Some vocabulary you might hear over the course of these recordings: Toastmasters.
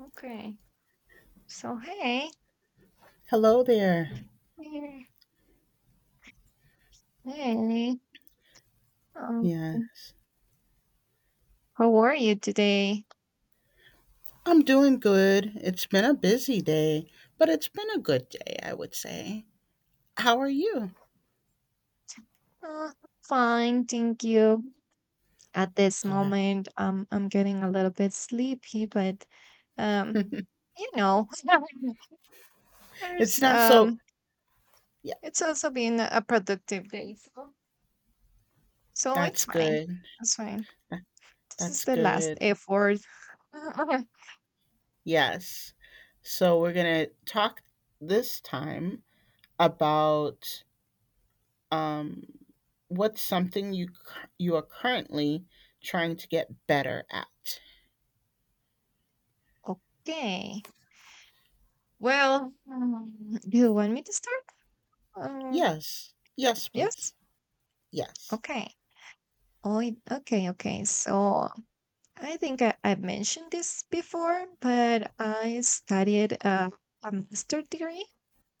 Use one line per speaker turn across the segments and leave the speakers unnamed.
Okay. So, hey.
Hello there.
Hey. Hey. Um,
Yes.
how are you today?
I'm doing good. It's been a busy day, but it's been a good day, I would say. How are you?
Uh, Fine, thank you. At this
Good.
moment, I'm getting a little bit sleepy, but um, you know,
It's
there's
not so, yeah,
it's also been a productive day, so it's
that's
fine.
good.
It's fine.
That-
This is
That's
the last
good.
effort.
Yes. So we're going to talk this time about um what's something you you are currently trying to get better at.
Okay. Well, do you want me to start? Um,
Yes. Yes,
yes.
please. Yes.
Okay. Okay. So I think I've mentioned this before, but I studied a master degree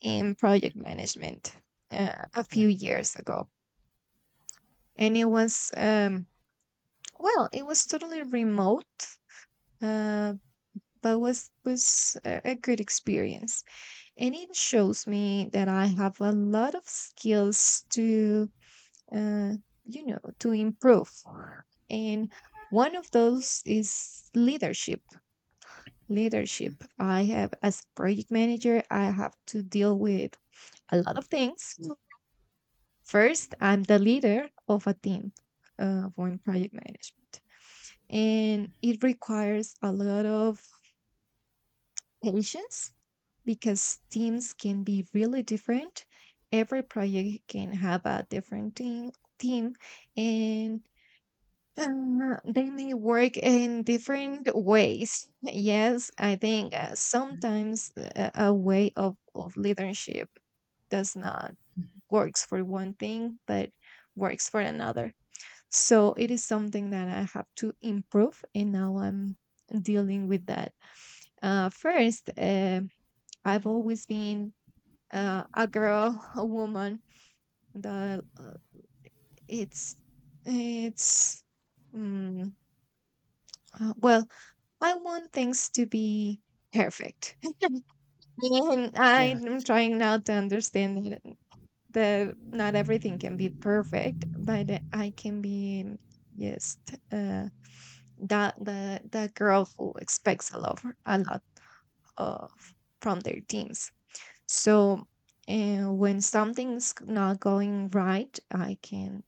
in project management a
Yeah.
few years ago, and it was well, it was totally remote, uh, but was a good experience, and it shows me that I have a lot of skills to uh, to improve. And one of those is leadership. Leadership.
Mm.
I have, as a project manager, I have to deal with a lot of things. Mm. First, I'm the leader of a team of one project management, and it requires a lot of patience because teams can be really different. Every project can have a different team, and they may work in different ways. Yes, I think sometimes a way of leadership does not works for one thing, but works for another. So it is something that I have to improve, and now I'm dealing with that. First, I've always been a girl, a woman. That it's it's mm, well I want things to be perfect. And
Yeah.
I'm trying now to understand that not everything can be perfect, but I can be just uh, that the girl who expects a lot of from their teams. So when something's not going right, I can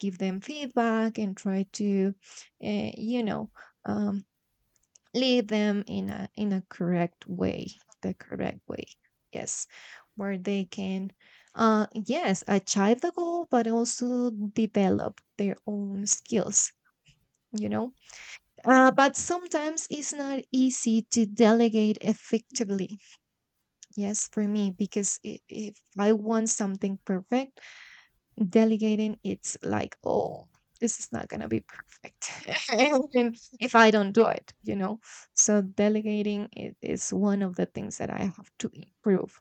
give them feedback and try to, uh, you know, um, lead them in a correct way the correct way, yes, where they can yes achieve the goal but also develop their own skills, you know. But sometimes it's not easy to delegate effectively, yes, for me because if I want something perfect, delegating it's like, oh, this is not going to be perfect and if I don't do it, you know. So delegating is one of the things that I have to improve,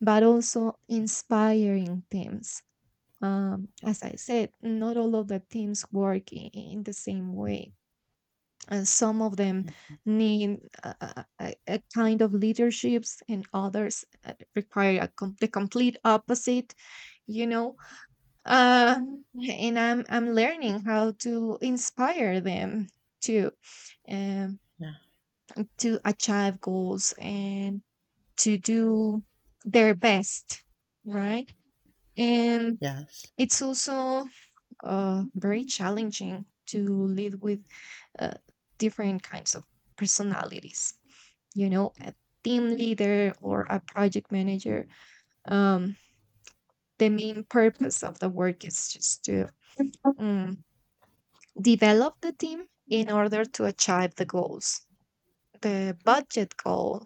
but also inspiring teams. As I said, not all of the teams work in the same way, and some of them need a kind of leaderships and others require a the complete opposite, you know. uh, and I'm learning how to inspire them to um,
Yeah.
to achieve goals and to do their best, right? And
Yes.
it's also very challenging to live with uh, different kinds of personalities. You know, a team leader or a project manager. Um, the main purpose of the work is just to mm, develop the team in order to achieve the goals, the budget goal,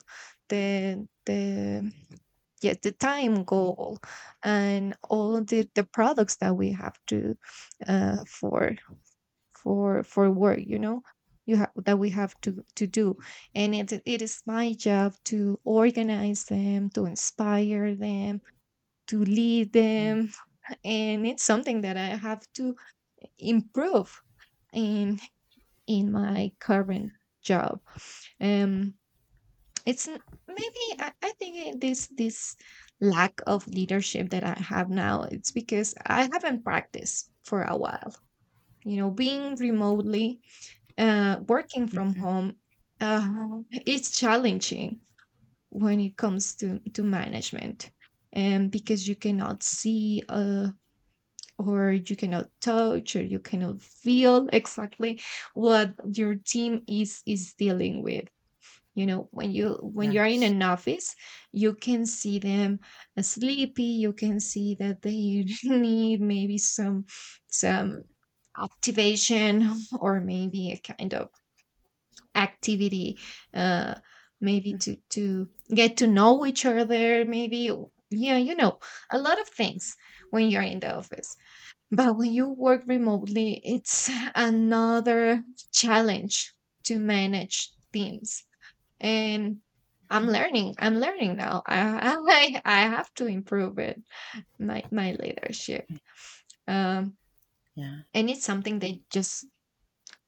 the yeah the time goal and all the products that we have to uh for for work, you know, you have that we have to do. And it is my job to organize them, to inspire them, to lead them, and it's something that I have to improve in in my current job. Um, it's n- Maybe I think this lack of leadership that I have now, it's because I haven't practiced for a while. You know, being remotely, working from
Mhm.
home, it's challenging when it comes to management, and because you cannot see or you cannot touch or you cannot feel exactly what your team is dealing with, you know, when you when you're in
Yes.
an office, you can see them sleepy, you can see that they need maybe some activation or maybe a kind of activity uh maybe to get to know each other maybe, yeah, you know, a lot of things when you're in the office, but when you work remotely, it's another challenge to manage teams. And I'm learning. I'm learning now. I I have to improve it. My leadership. Um,
Yeah.
and it's something that just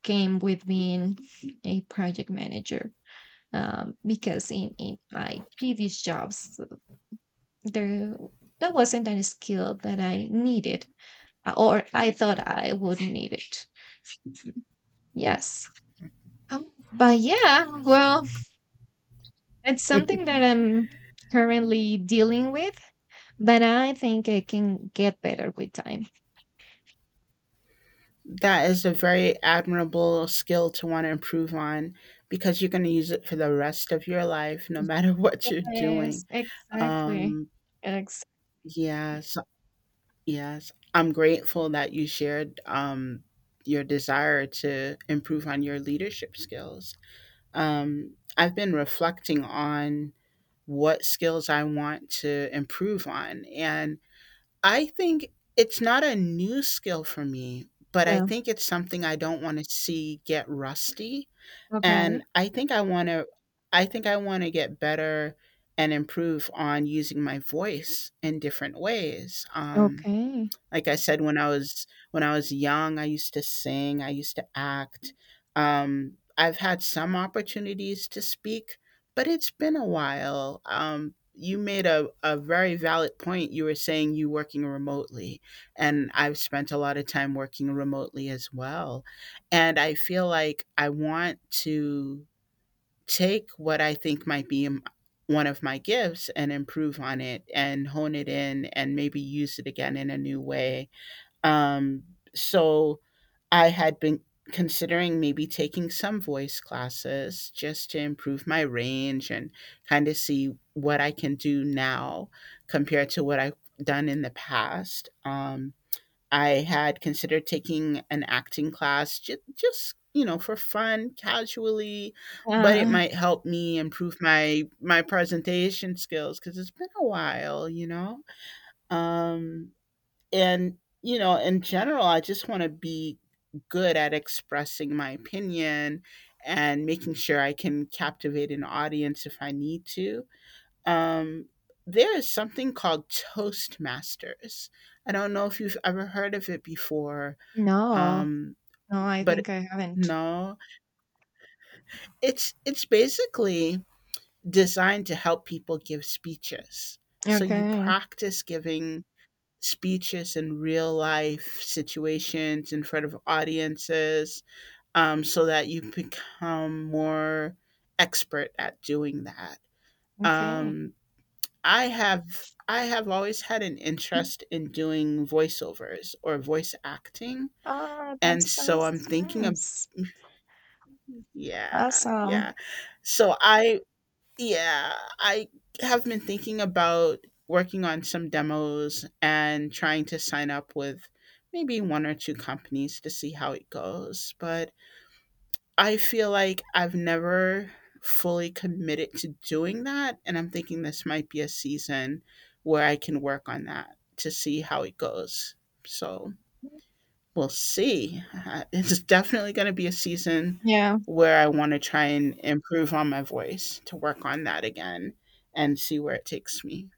came with being a project manager. Because in my previous jobs there, that wasn't a skill that I needed, or I thought I would need it. Yes. But yeah, well, it's something that I'm currently dealing with. But I think I can get better with time.
That is a very admirable skill to want to improve on because you're going to use it for the rest of your life, no matter what you're
Yes,
doing.
exactly.
Um,
Ex
yes. Yes. I'm grateful that you shared your desire to improve on your leadership skills. I've been reflecting on what skills I want to improve on. And I think it's not a new skill for me, but I
Yeah.
think it's something I don't wanna see get rusty, and
Okay.
I think I wanna get better and improve on using my voice in different ways, um,
Okay.
like I said, when I was young, I used to sing, I used to act. I've had some opportunities to speak, but it's been a while. You made a very valid point. You were saying you working remotely, and I've spent a lot of time working remotely as well. And I feel like I want to take what I think might be one of my gifts and improve on it and hone it in and maybe use it again in a new way, um, so I had been considering maybe taking some voice classes just to improve my range and kind of see what I can do now compared to what I've done in the past. I had considered taking an acting class just, you know, for fun, casually, but it
Uh,
might help me improve my presentation skills, cuz it's been a while, you know. Um, and, you know, in general, I just want to be good at expressing my opinion and making sure I can captivate an audience if I need to. Um, there is something called Toastmasters. I don't know if you've ever heard of it before,
no,
um,
no, I
but
think I haven't.
no, it's basically designed to help people give speeches. So you
Okay.
practice giving speeches in real life situations in front of audiences, so that you become more expert at doing that,
Okay.
um, i have I have always had an interest in doing voiceovers or voice acting,
Ah, that
and so
sounds
I'm thinking of,
nice.
yeah, yeah,
Awesome.
so i, Yeah, I have been thinking about working on some demos and trying to sign up with maybe one or two companies to see how it goes. But I feel like I've never fully committed to doing that. And I'm thinking this might be a season where I can work on that to see how it goes. So we'll see. It's definitely going to be a season
Yeah,
where I want to try and improve on my voice to work on that again and see where it takes me.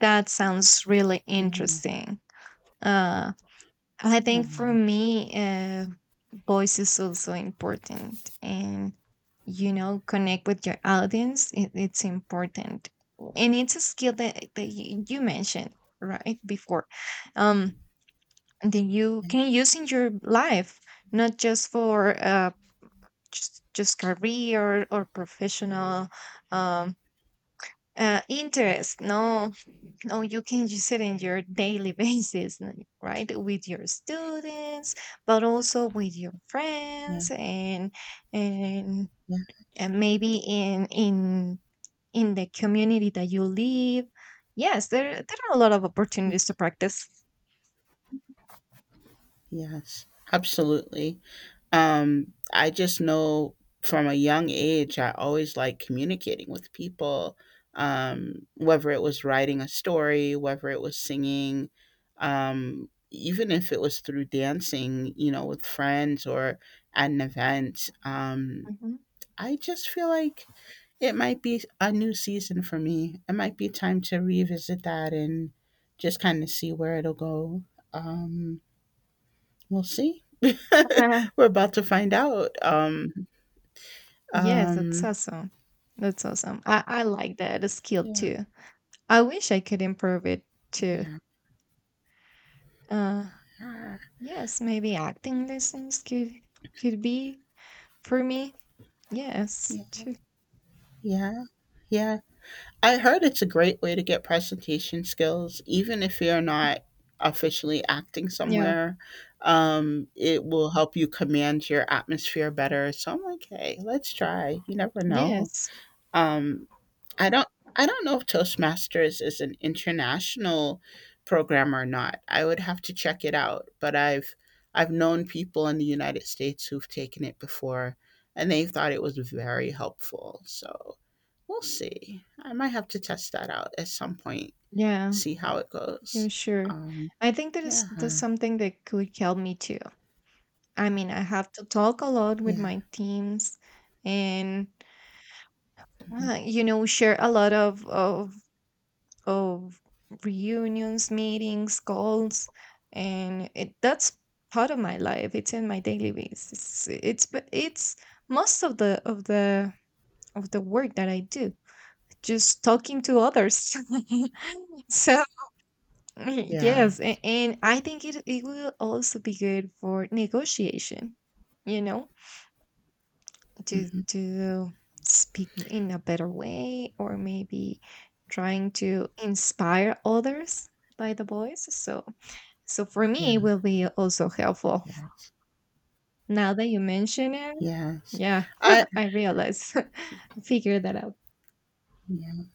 that sounds really
Yeah,
interesting. Uh I think
yeah,
for me, voice is also important, and you know, connect with your audience. It's important, and it's a skill that you, you mentioned right before, um, that you can use in your life, not just for just career or professional um interest, no, no, you can use it in your daily basis right with your students but also with your
yeah,
friends and,
yeah.
and, maybe in in the community that you live. Yes, there are a lot of opportunities to practice.
Yes, absolutely. I just know from a young age, I always liked communicating with people, whether it was writing a story, whether it was singing, even if it was through dancing, you know, with friends or at an event.
Mhm.
I just feel like it might be a new season for me. It might be time to revisit that and just kind of see where it'll go. Um, We'll see. We're about to find out.
Yes, that's
Um,
awesome. That's awesome. I like that a skill
yeah,
too. I wish I could improve it too.
yeah,
Uh,
yeah,
yes, maybe acting lessons could be for me. Yes,
yeah,
too.
yeah, yeah. I heard it's a great way to get presentation skills, even if you're not officially acting
Yeah.
somewhere. It will help you command your atmosphere better. So I'm like, hey, let's try. You never know.
Yes.
Um, I don't I don't know if Toastmasters is an international program or not. I would have to check it out, but I've known people in the United States who've taken it before and they thought it was very helpful. So, we'll see. I might have to test that out at some point,
Yeah.
see how it
Yeah.
goes.
Sure.
Um,
I think that is
yeah.
that's
Huh.
something that could help me too. I mean, I have to talk a lot with
Yeah.
my teams, and
Mhm.
you know, share a lot of reunions, meetings, calls, and it that's part of my life. It's in my daily basis. It's but it's most of the of the work that I do, just talking to others. So yes,
Yes.
and I think it it will also be good for negotiation. You know,
Hmm.
to speak in a better way or maybe trying to inspire others by the voice. So so for me it
Yeah.
will be also helpful
Yes.
now that you mention it.
Yes.
Yeah.
I,
I realize, I figured that out.
yeah.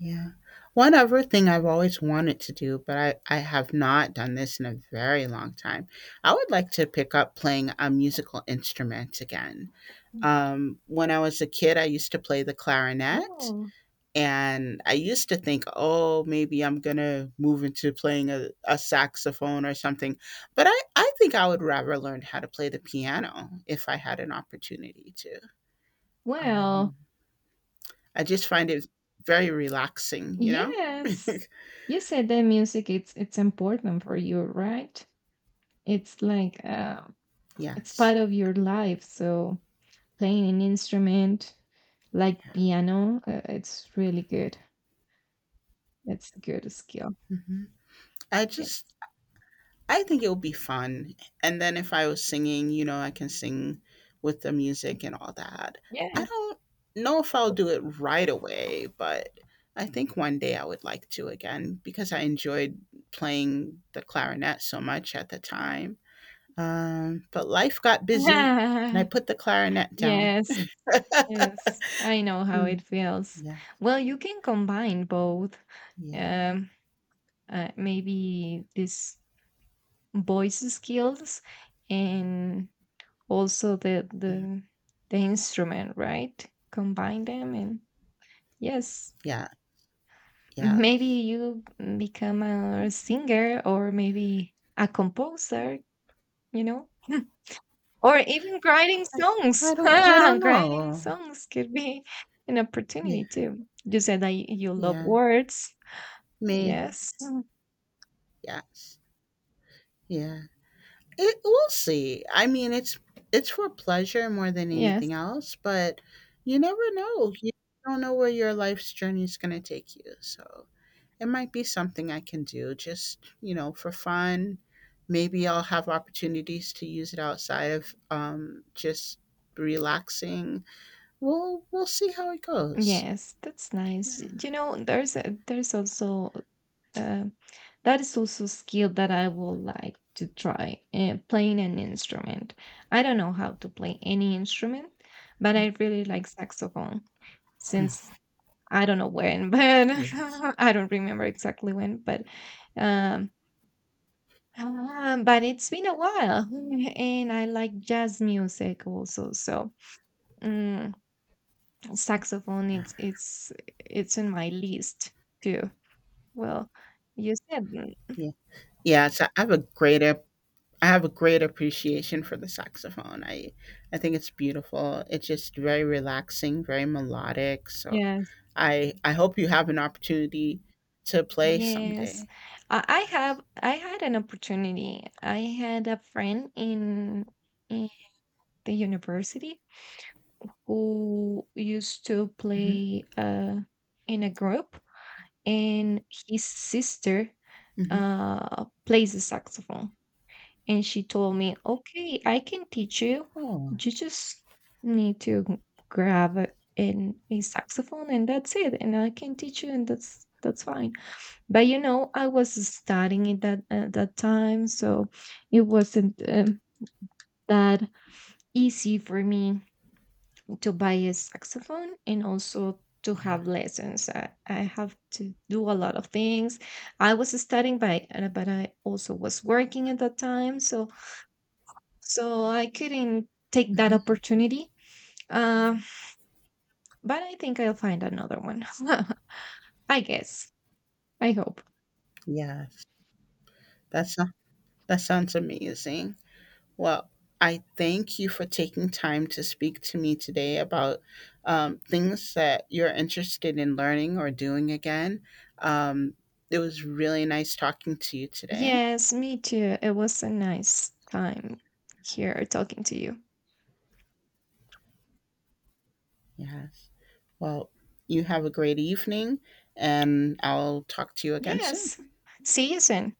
Yeah. One other thing I've always wanted to do, but I have not done this in a very long time. I would like to pick up playing a musical instrument again. When I was a kid, I used to play the clarinet,
Oh,
and I used to think, oh, maybe I'm going to move into playing a saxophone or something. But I think I would rather learn how to play the piano if I had an opportunity to.
well,
Um, I just find it very relaxing, you know?
yes, you said that music, it's important for you, right? It's like, it's
Yes.
part of your life. So playing an instrument like
Yeah.
piano, it's really good. It's a good skill.
Hmm. I
Yes.
just, I think it would be fun. And then if I was singing, you know, I can sing with the music and all that. I
Yes.
don't know if I'll do it right away, but I think one day I would like to again because I enjoyed playing the clarinet so much at the time. But life got busy and I put the clarinet down.
Yes. Yes. I know how
Mm.
it feels.
Yeah.
Well, you can combine both.
Yeah.
Um, Maybe these voice skills and also the
Mm.
the the instrument, right? Combine them and yes,
Yeah.
maybe
Yes.
you become a singer or maybe a composer, you know, or even writing
I,
songs.
I don't
Writing
know.
songs could be an
Yeah.
opportunity too. You said that you love
Yeah.
words.
Me,
Yes. Mm.
yes. Yeah. It, we'll see. I mean, it's for pleasure more than
Yes.
anything else, but you never know. You don't know where your life's journey is gonna take you. So it might be something I can do, just, you know, for fun. Maybe I'll have opportunities to use it outside of, um, just relaxing. We'll see how it goes.
Yes, that's nice.
Yeah.
You know, there's there's also uh, that is also a skill that I would like to try, playing an instrument. I don't know how to play any instrument, but I really like saxophone since I don't know when, but
Yes.
I don't remember exactly when, um, but it's been a while, and I like jazz music also. So mm, saxophone,
Yeah.
it's it's in my list too. Well, you said mm,
Yeah. Yeah. So I have a great appreciation for the saxophone. I think it's beautiful. It's just very relaxing, very melodic. So
yes.
I hope you have an opportunity to play
Yes,
someday.
I have. I had an opportunity. I had a friend in the university who used to
Hmm.
play in a group, and his sister
Hmm.
plays the saxophone. And she told me, "Okay, I can teach you.
Oh,
You just need to grab a saxophone, and that's it. And I can teach you, and that's fine." But you know, I was studying it that at that time, so it wasn't that easy for me to buy a saxophone and also to
yeah.
have lessons. I have to do a lot of things. I was studying, but but I also was working at that time, so so I couldn't take that
Hmm.
opportunity. Uh, but I think I'll find another one. I guess. I hope.
Yes, that's that sounds amazing. Well, I thank you for taking time to speak to me today about, things that you're interested in learning or doing again. Um, it was really nice talking to you today.
Yes, me too. It was a nice time here talking to you.
Yes. Well, you have a great evening, and I'll talk to you again soon.
Yes. See you soon.